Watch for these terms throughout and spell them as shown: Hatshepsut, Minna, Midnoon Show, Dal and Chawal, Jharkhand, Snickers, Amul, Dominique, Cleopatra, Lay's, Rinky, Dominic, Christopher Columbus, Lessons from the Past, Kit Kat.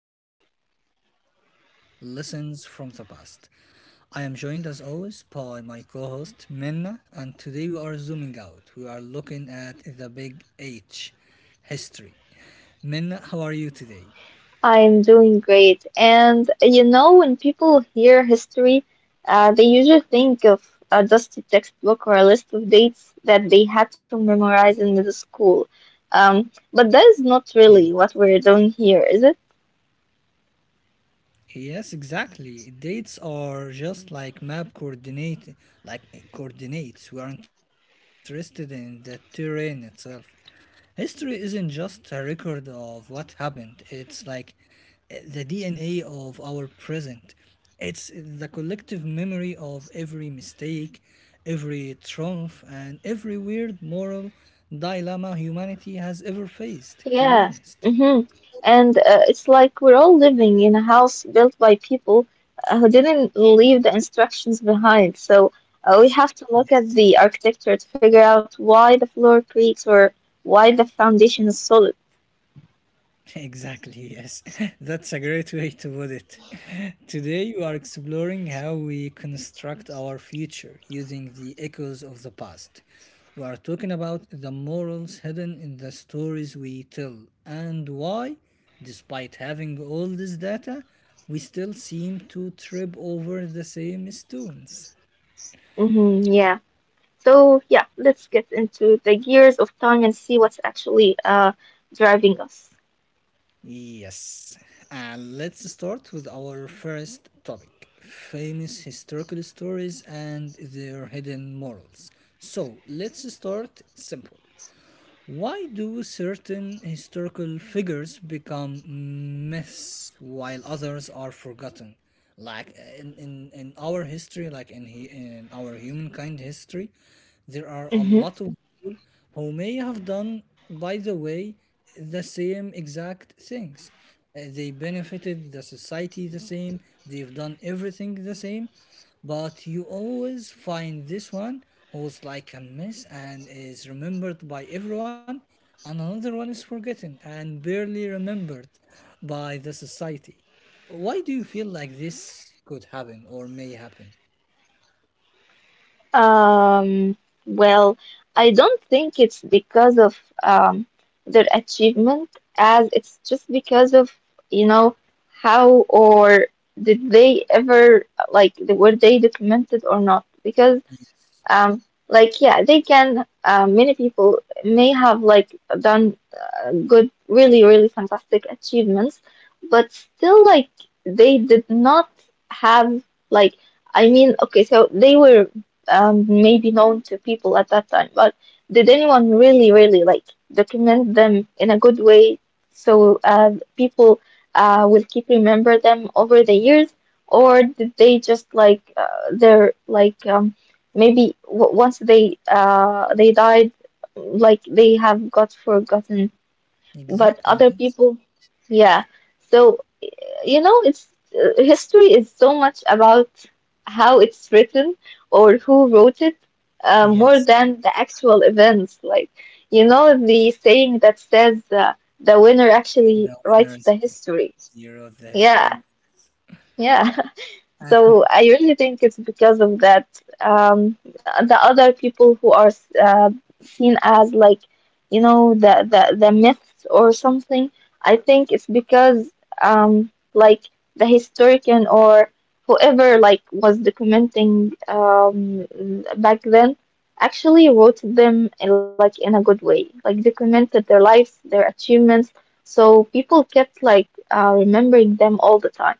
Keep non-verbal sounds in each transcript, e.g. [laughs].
our podcast, Lessons from the Past. I am joined, as always, by my co host, Minna, and today we are zooming out. We are looking at the big H, history. Minna, how are you today? I'm doing great. And when people hear history, they usually think of a dusty textbook or a list of dates that they had to memorize in middle school. But that is not really what we're doing here, is it? Yes, exactly. Dates are just like map coordinate, coordinates. We are interested in the terrain itself. History isn't just a record of what happened. It's like the DNA of our present. It's the collective memory of every mistake, every triumph, and every weird moral dilemma humanity has ever Yeah. faced, to Mm-hmm. be honest. And it's like we're all living in a house built by people who didn't leave the instructions behind. So we have to look at the Yes. architecture to figure out why the floor creaks or why the foundation is solid. Exactly, yes. [laughs] That's a great way to put it. [laughs] Today, we are exploring how we construct our future using the echoes of the past. We are talking about the morals hidden in the stories we tell and why, despite having all this data, we still seem to trip over the same stones. Mm-hmm, yeah. So yeah, let's get into the gears of time and see what's actually driving us. Yes, and let's start with our first topic famous historical stories and their hidden morals. So, let's start simple. Why do certain historical figures become myths while others are forgotten? Like in our history, in our humankind history, there are a Mm-hmm. lot of people who may have done, by the way, the same exact things. They benefited the society the same, they've done everything the same, but you always find this one who's like a mess and is remembered by everyone, and another one is forgotten and barely remembered by the society. Why do you feel like this could happen or may happen? Um, well, I don't think it's because of their achievement, as it's just because of you know how or did they ever like were they documented or not? Because Um, like yeah, they can. Many people may have like done good, really, really fantastic achievements, but still like they did not have like. I mean, okay, so they were maybe known to people at that time, but did anyone really, really like document them in a good way so people will keep remember them over the years, or did they just like they're like maybe w once they died, like they have got forgotten, but Exactly. other Yes. people, yeah. So you know, it's history is so much about how it's written or who wrote it, more Yes. than the actual events. Like you know, the saying that says the winner actually The writes the winners history. zero the Yeah, history. yeah. [laughs] So I really think it's because of that. Um, the other people who are uh, seen as like, you know, the myths or something. I think it's because like the historian or whoever like was documenting back then actually wrote them in, like in a good way, like documented their lives, their achievements. So people kept like remembering them all the time.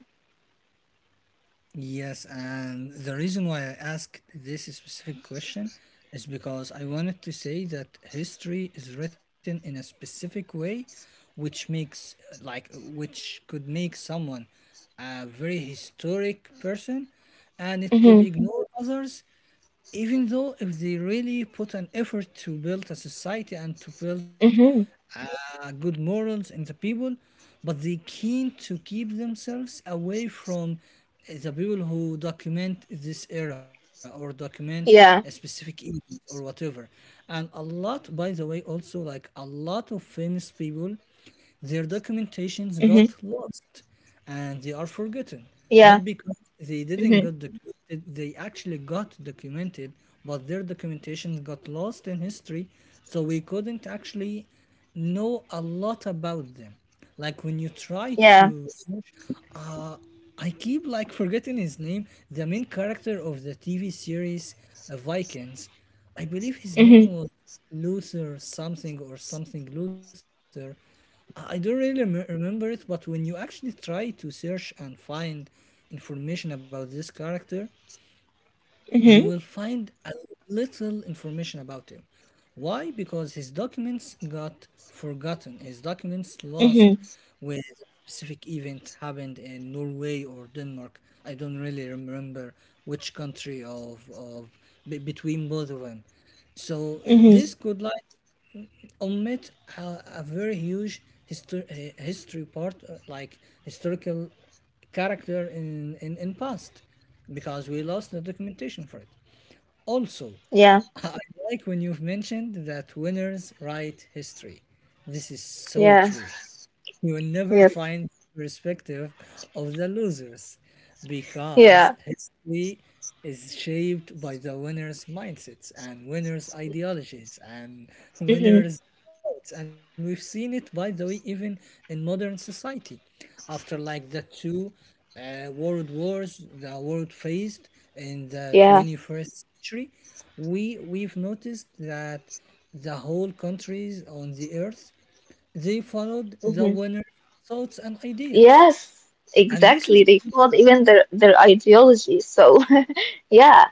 Yes, and the reason why I asked this specific question is because I wanted to say that history is written in a specific way, which makes which could make someone a very historic person, and it could ignore others even though if they really put an effort to build a society and to build Mm-hmm. Good morals in the people, but they keen to keep themselves away from the people who document this era or document a specific Yeah. event or whatever. And a lot, by the way, also like a lot of famous people their documentations Mhm. got lost and they are forgotten, Yeah. not because they didn't get Mhm. documented, they actually got documented, but their documentation got lost in history, so we couldn't actually know a lot about them. Like when you try Yeah. to search, uh, I keep like forgetting his name, the main character of the TV series Vikings. I believe his name Mhm. was Luther something or something Luther. I don't really remember it, but when you actually try to search and find information about this character, you will Mhm. find a little information about him. Why? Because his documents got forgotten. His documents lost Mhm. with a specific event happened in Norway or Denmark. I don't really remember which country of between both of them. So this Mhm. could like omit a, a very huge history part like historical character in past because we lost the documentation for it also. Yeah. [laughs] I like when you've mentioned that winners write history, this is so Yeah. true. You will never Yes. find perspective of the losers Yeah. because history is shaped by the winners' mindsets and winners' ideologies and Mhm. winners' votes. And we've seen it, by the way, even in modern society. After like the two world wars the world faced in the Yeah. 21st century, we've noticed that the whole countries on the earth they followed the Mhm. winner's thoughts and ideas. Yes. And this is Exactly. They followed even their ideology. So, [laughs] yeah.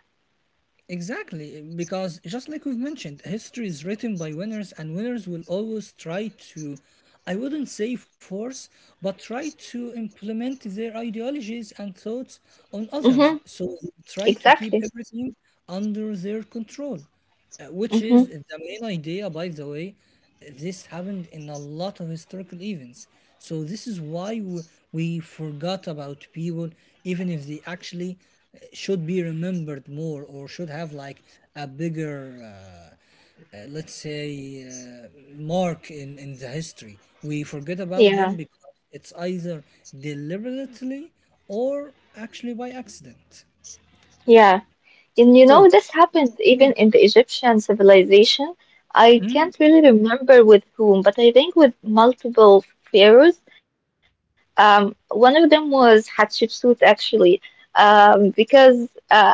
exactly because, just like we've mentioned, history is written by winners, and winners will always try to, I wouldn't say force, but try to implement their ideologies and thoughts on others. Mhm. So they try to keep Exactly. everything under their control. Which Mhm. is the main idea, by the way. This happened in a lot of historical events. So, this is why we forgot about people, even if they actually should be remembered more or should have like a bigger, uh, let's say, uh, mark in the history. We forget about them Yeah. because it's either deliberately or actually by accident. Yeah. And you So, know, this happened even there. in the Egyptian civilization. I can't Mm, really remember with whom, but I think with multiple pharaohs. One of them was Hatshepsut, actually, because it's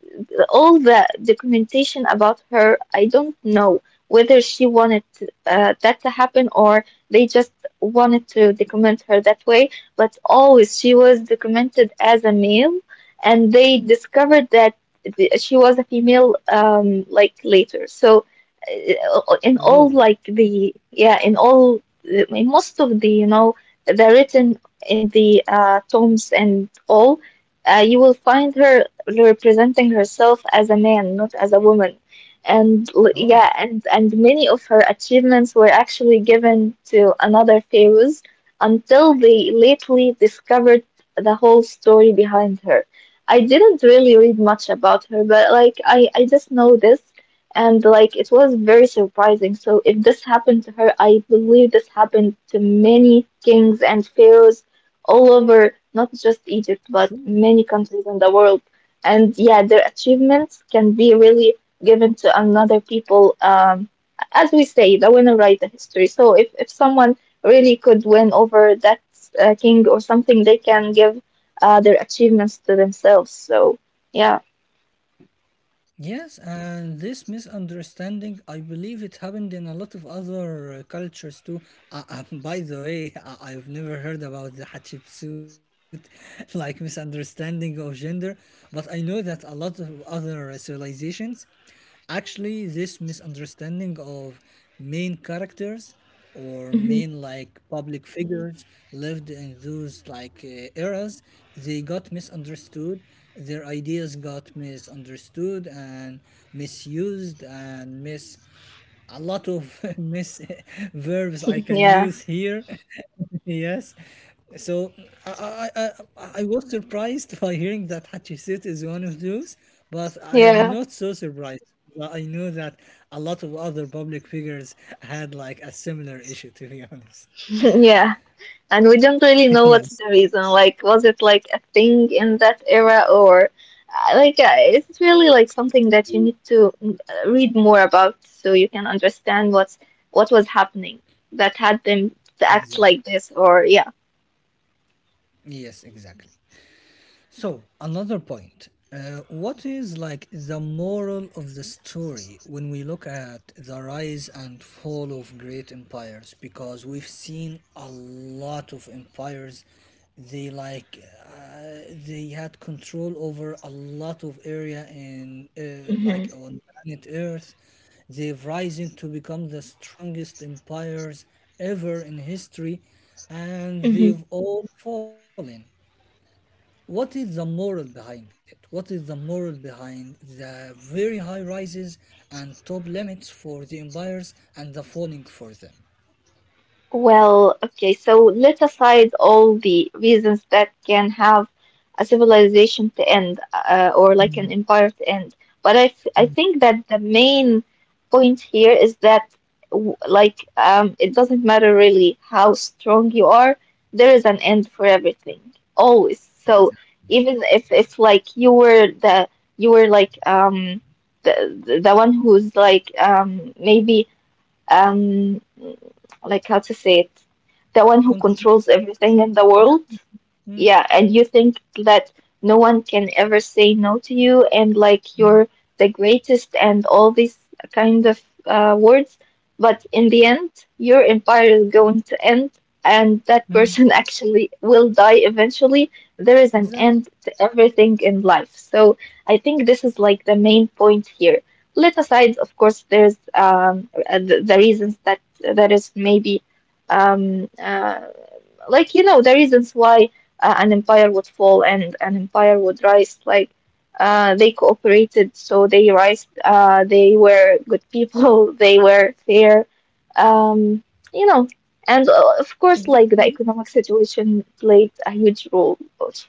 all the documentation about her. I don't know whether she wanted that to happen or they just wanted to document her that way. But always she was documented as a male and they discovered that she was a female like later so oh, in all like the yeah in all in most of the you know the written in the tombs and all you will find her representing herself as a man, not as a woman, oh. yeah, and many of her achievements were actually given to another pharaohs until they lately discovered the whole story behind her. I didn't really read much about her, but like I just know this, and like it was very surprising. So if this happened to her, I believe this happened to many kings and pharaohs all over, not just Sure. Egypt, but many countries in the world. And yeah, their achievements can be really given to another people. As we say, the winner write the history. So if someone really could win over that king or something, they can give their achievements to themselves. So yeah. Yes, and this misunderstanding, I believe it happened in a lot of other cultures too. [laughs] By the way, I've never heard about the Hatshepsut, [laughs] like misunderstanding of gender, but I know that a lot of other civilizations, actually, this misunderstanding of main characters or Mhm. main like public figures lived in those like eras they got misunderstood, their ideas got misunderstood and misused and mis a lot of [laughs] mis [laughs] verbs I [laughs] can Yeah, use here. [laughs] Yes. So I, I, I was surprised [laughs] by hearing that Hatshepsut is one of those, but I am yeah, not so surprised. Well, I know that a lot of other public figures had like a similar issue, to be honest. [laughs] yeah. And we don't really [laughs] know what's the Yes, reason. Like, was it like a thing in that era, or like it's really like something that you need to read more about so you can understand what was happening that had them to act exactly. like this, or yeah. Yes, exactly. So, another point. What is like the moral of the story when we look at the rise and fall of great empires? Because we've seen a lot of empires. They like they had control over a lot of area in Hmm. like on planet Earth. They've risen to become the strongest empires ever in history, and they've all fallen. What is the moral behind it? What is the moral behind the very high rises and top limits for the empires and the falling for them? Well, okay, so let aside all the reasons that can have a civilization to end, or like Mm. an empire to end. But I think that the main point here is that, like, it doesn't matter really how strong you are, there is an end for everything, always. So Exactly. even if like you were the you were like the the one who's like maybe um like how to say it, the one who Control. controls everything in the Yeah. world. Continue. Mm, Yeah, and you think that no one can ever say no to you, and like mm, you're the greatest, and all these kind of words. But in the end, your empire is going to end, and mm. that person [laughs] actually will die eventually. There is an Exactly. end to everything in life. So I think this is like the main point here. Let aside, of course, there's the reasons that that is maybe um, uh, like you know the reasons why an empire would fall and an empire would rise like they cooperated so they rise they were good people [laughs] they were fair um, you know, and of course Exactly, yes. like the economic situation played a huge role also.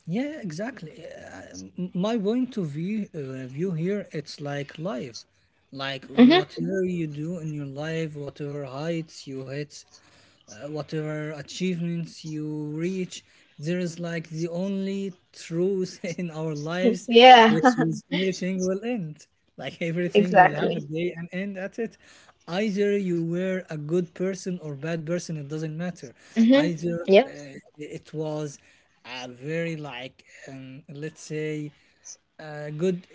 Yeah. Exactly. My point of view here, it's like life. Like Hmm. whatever you do in your life, whatever heights you hit, whatever achievements you reach, there is like the only truth [laughs] in our lives, Yeah, which [laughs] is everything will end. Like everything will have a exactly. day and end at it. Either you were a good person or bad person, it doesn't matter. Hmm. Either Yeah. It was a very like let's say a good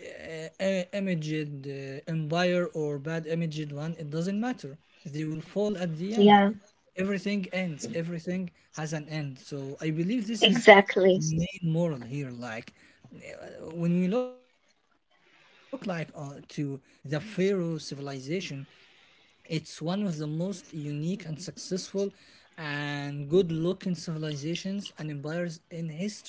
imaged empire or bad imaged one, it doesn't matter, they will fall at the Yeah, end. Everything ends, everything has an end, so I believe this is exactly. main moral here. Like when we look like to the pharaoh civilization, it's one of the most unique and successful and good looking civilizations and empires in history.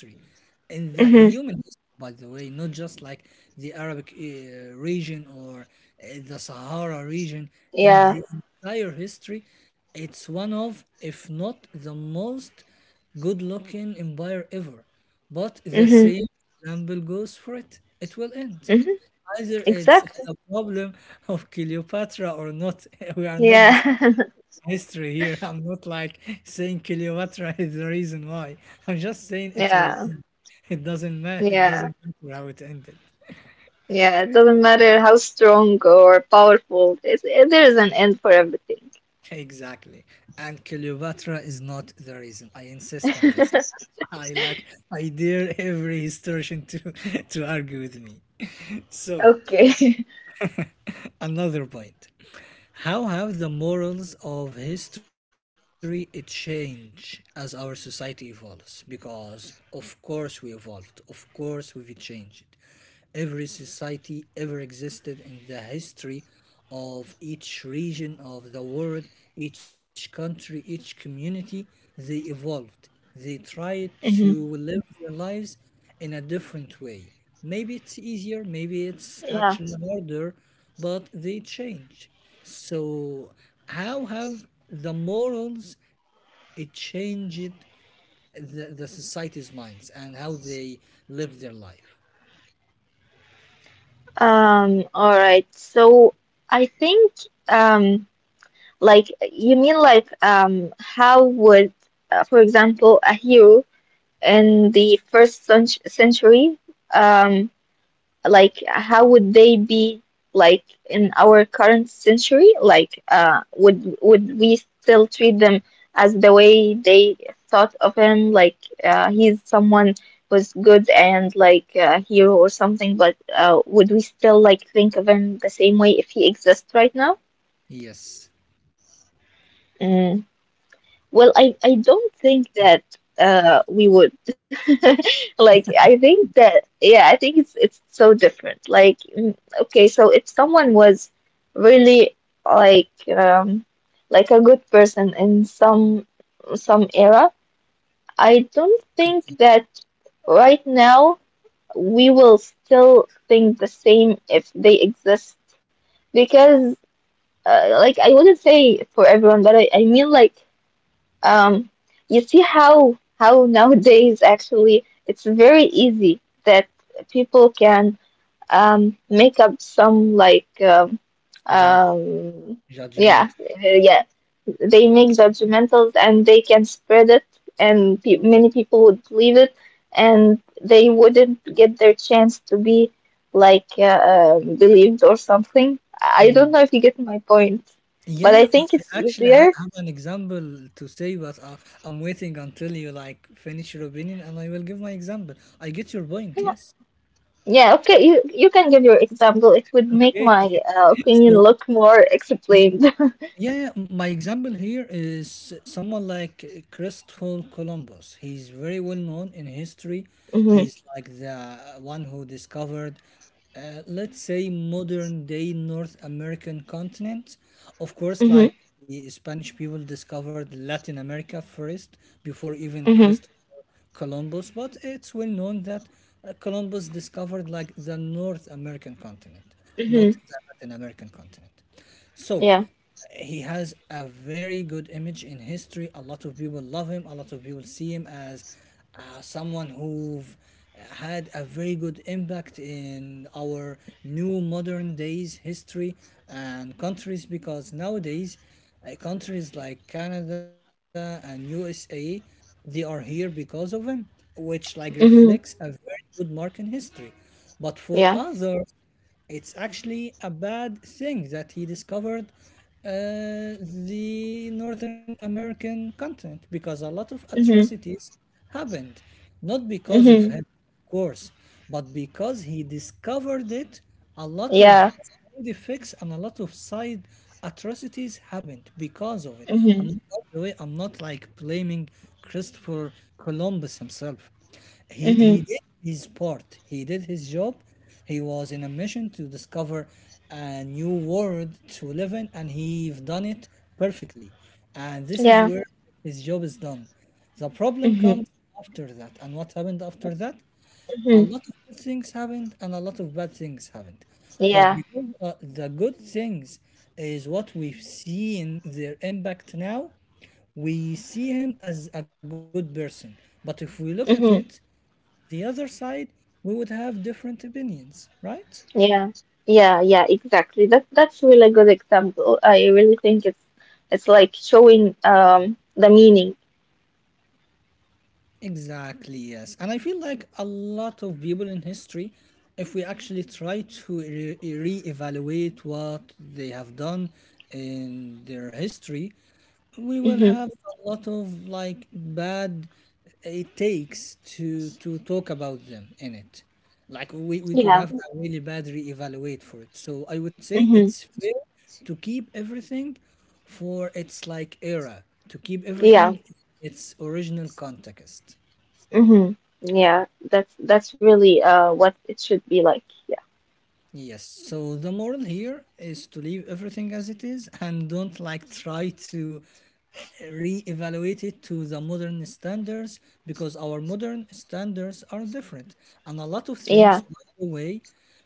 In the Hmm. human history, by the way, not just like the Arabic region or the Sahara region. In Yeah, the entire history, it's one of, if not the most good looking empire ever. But yeah. the Hmm. same example goes for it. It will end. Hmm. Either it's Exactly. the problem [laughs] of Cleopatra or not. [laughs] We are not discussing Yeah. history here. [laughs] I'm not like saying Cleopatra is the reason why. I'm just saying [laughs] it will Yeah. end. It doesn't matter. It Yeah. doesn't matter how it ended. Yeah, it doesn't matter how strong or powerful. There is an end for everything. Exactly. And Cleopatra is not the reason. I insist on this. [laughs] [laughs] I like I dare every historian to [laughs] to argue with me. [laughs] So Okay. [laughs] [laughs] another point. How have the morals of history changed as our society evolves? Because of course we evolved, of course we've changed. Every society ever existed in the history of each region of the world, each country, each community, they evolved. They Mhm. tried to live their lives in a different way. Maybe it's easier, Yeah. maybe it's actually harder, but they change. So, how have the morals it changed the society's minds and how they live their life? All right. So I think um like you mean like how would for example a hero in the century um like how would they be like in our current century? Like, would we still treat them as the way they thought of him? Like, he's someone who's good and like a hero or something, but would we still like think of him the same way if he exists right now? Yes, Well, I don't think that we would [laughs] like I think that yeah, I think it's so different. Like okay, so if someone was really like um like a good person in some era, I don't think that right now we will still think the same if they exist because like I wouldn't say for everyone, but I mean like um, you see how nowadays actually it's very easy that people can make up some like judge, um, judgment. yeah yeah they make judgmentals and they can spread it and pe many people would believe it and they wouldn't get their chance to be like believed or something. I don't Mm. know if you get my point, but I Yeah, I think it's I actually easier. have an example to say, but I'm waiting until you like finish your opinion, and I will give my example. I get your point. Yes. Yeah, okay, you can give your example. It would make Okay. my [laughs] opinion So look more explained. [laughs] yeah, yeah, my example here is someone like Christopher Columbus. He's very well known in history. Mm-hmm. He's like the one who discovered, let's say, modern day North American continent. Of course, Mm-hmm. like the Spanish people discovered Latin America first before even Mm-hmm. Christopher Columbus. But it's well known that Columbus discovered like the North American continent, not Mm-hmm. the Latin American continent. So Yeah. he has a very good image in history. A lot of people love him. A lot of people see him as someone who had a very good impact in our new modern days history and countries because nowadays countries like Canada and USA they are here because of him, which like reflects a Mm-hmm. very good mark in history. But for Yeah. others it's actually a bad thing that he discovered the Northern American continent because a lot of Mm-hmm. atrocities happened. Not because of Mm-hmm. him, of course, but because he discovered it, a lot of Yeah. side effects and a lot of side atrocities happened because of it. I'm Mm-hmm. not, by the way, I'm not like blaming Christopher Columbus himself. He Mm-hmm. did his part. He did his job, he was in a mission to discover a new world to live in, and he've done it perfectly. And this is Yeah. where his job is done. The problem Mm-hmm. comes after that. And what happened after that? A Mm-hmm. lot of good things happened, and a lot of bad things happened. But Yeah. because the good things is what we've seen their impact now, we see him as a good person. But if we look at it, Mm-hmm. the other side, we would have different opinions, right? Yeah. Yeah, yeah, exactly. That's really good example. I really think it's like showing the meaning. Exactly, yes. And I feel like a lot of people in history, if we actually try to reevaluate what they have done in their history, we will Mm-hmm. have a lot of like bad it takes to talk about them in it. Like we could Yeah. have a really bad reevaluate for it, so I would say Mm-hmm. it's fair to keep everything for its like era, to keep Yeah. everything its original context. Hmm. Yeah, that's really what it should be like. Yeah. Yes, so the moral here is to leave everything as it is and don't like try to re-evaluate it to the modern standards because our modern standards are different, and a lot of Yeah. things, by the way,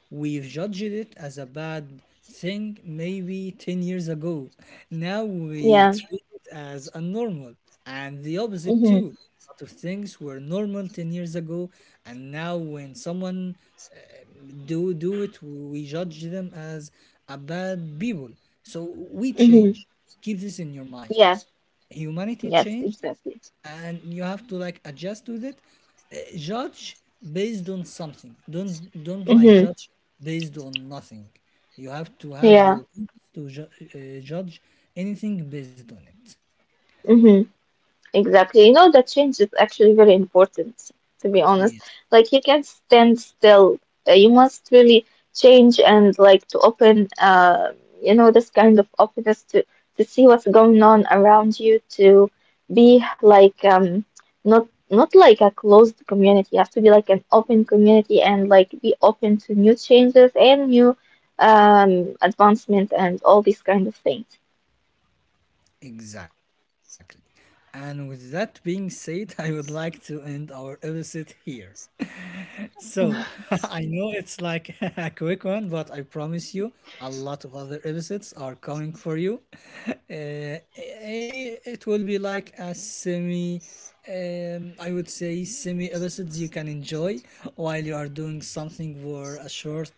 we've judged it as a bad thing maybe 10 years ago, now we Yeah. treat it as a normal, and the opposite Mm-hmm. too. A lot of things were normal 10 years ago, and now when someone uh, do it we judge them as a bad people. So we Mm-hmm. change, keep this in your mind, Yes. humanity Yes, changes exactly. and you have to like adjust with it. Uh, Judge based on something, don't like Mm-hmm. judge based on nothing. You have to have Yeah. your basis to judge anything based on it. Mm-hmm. Exactly. You know, that change is actually very important, to be honest. Yes, Like, you can't stand still. You must really change and, like, to open, you know, this kind of openness to see what's going on around you, to be like, not, not like a closed community. You have to be like an open community and, like, be open to new changes and new, advancement and all these kind of things. exactly. And with that being said, [laughs] I would like to end our episode here. So [laughs] I know it's like [laughs] a quick one, but I promise you a lot of other episodes are coming for you. [laughs] Uh, it will be like a semi, I would say, semi episodes you can enjoy while you are doing something for a short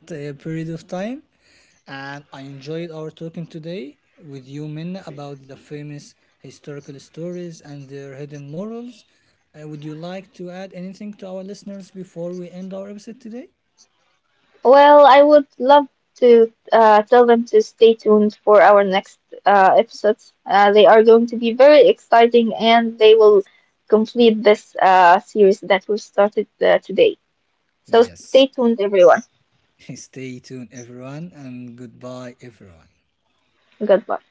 [laughs] period of time, and I enjoyed our talking today with you, Minna, about the famous historical stories and their hidden morals. Would you like to add anything to our listeners before we end our episode today? Well, I would love to tell them to stay tuned for our next episodes. They are going to be very exciting and they will complete this series that we started today. So stay Yes. tuned, everyone. [laughs] Stay tuned, everyone, and goodbye, everyone. Goodbye.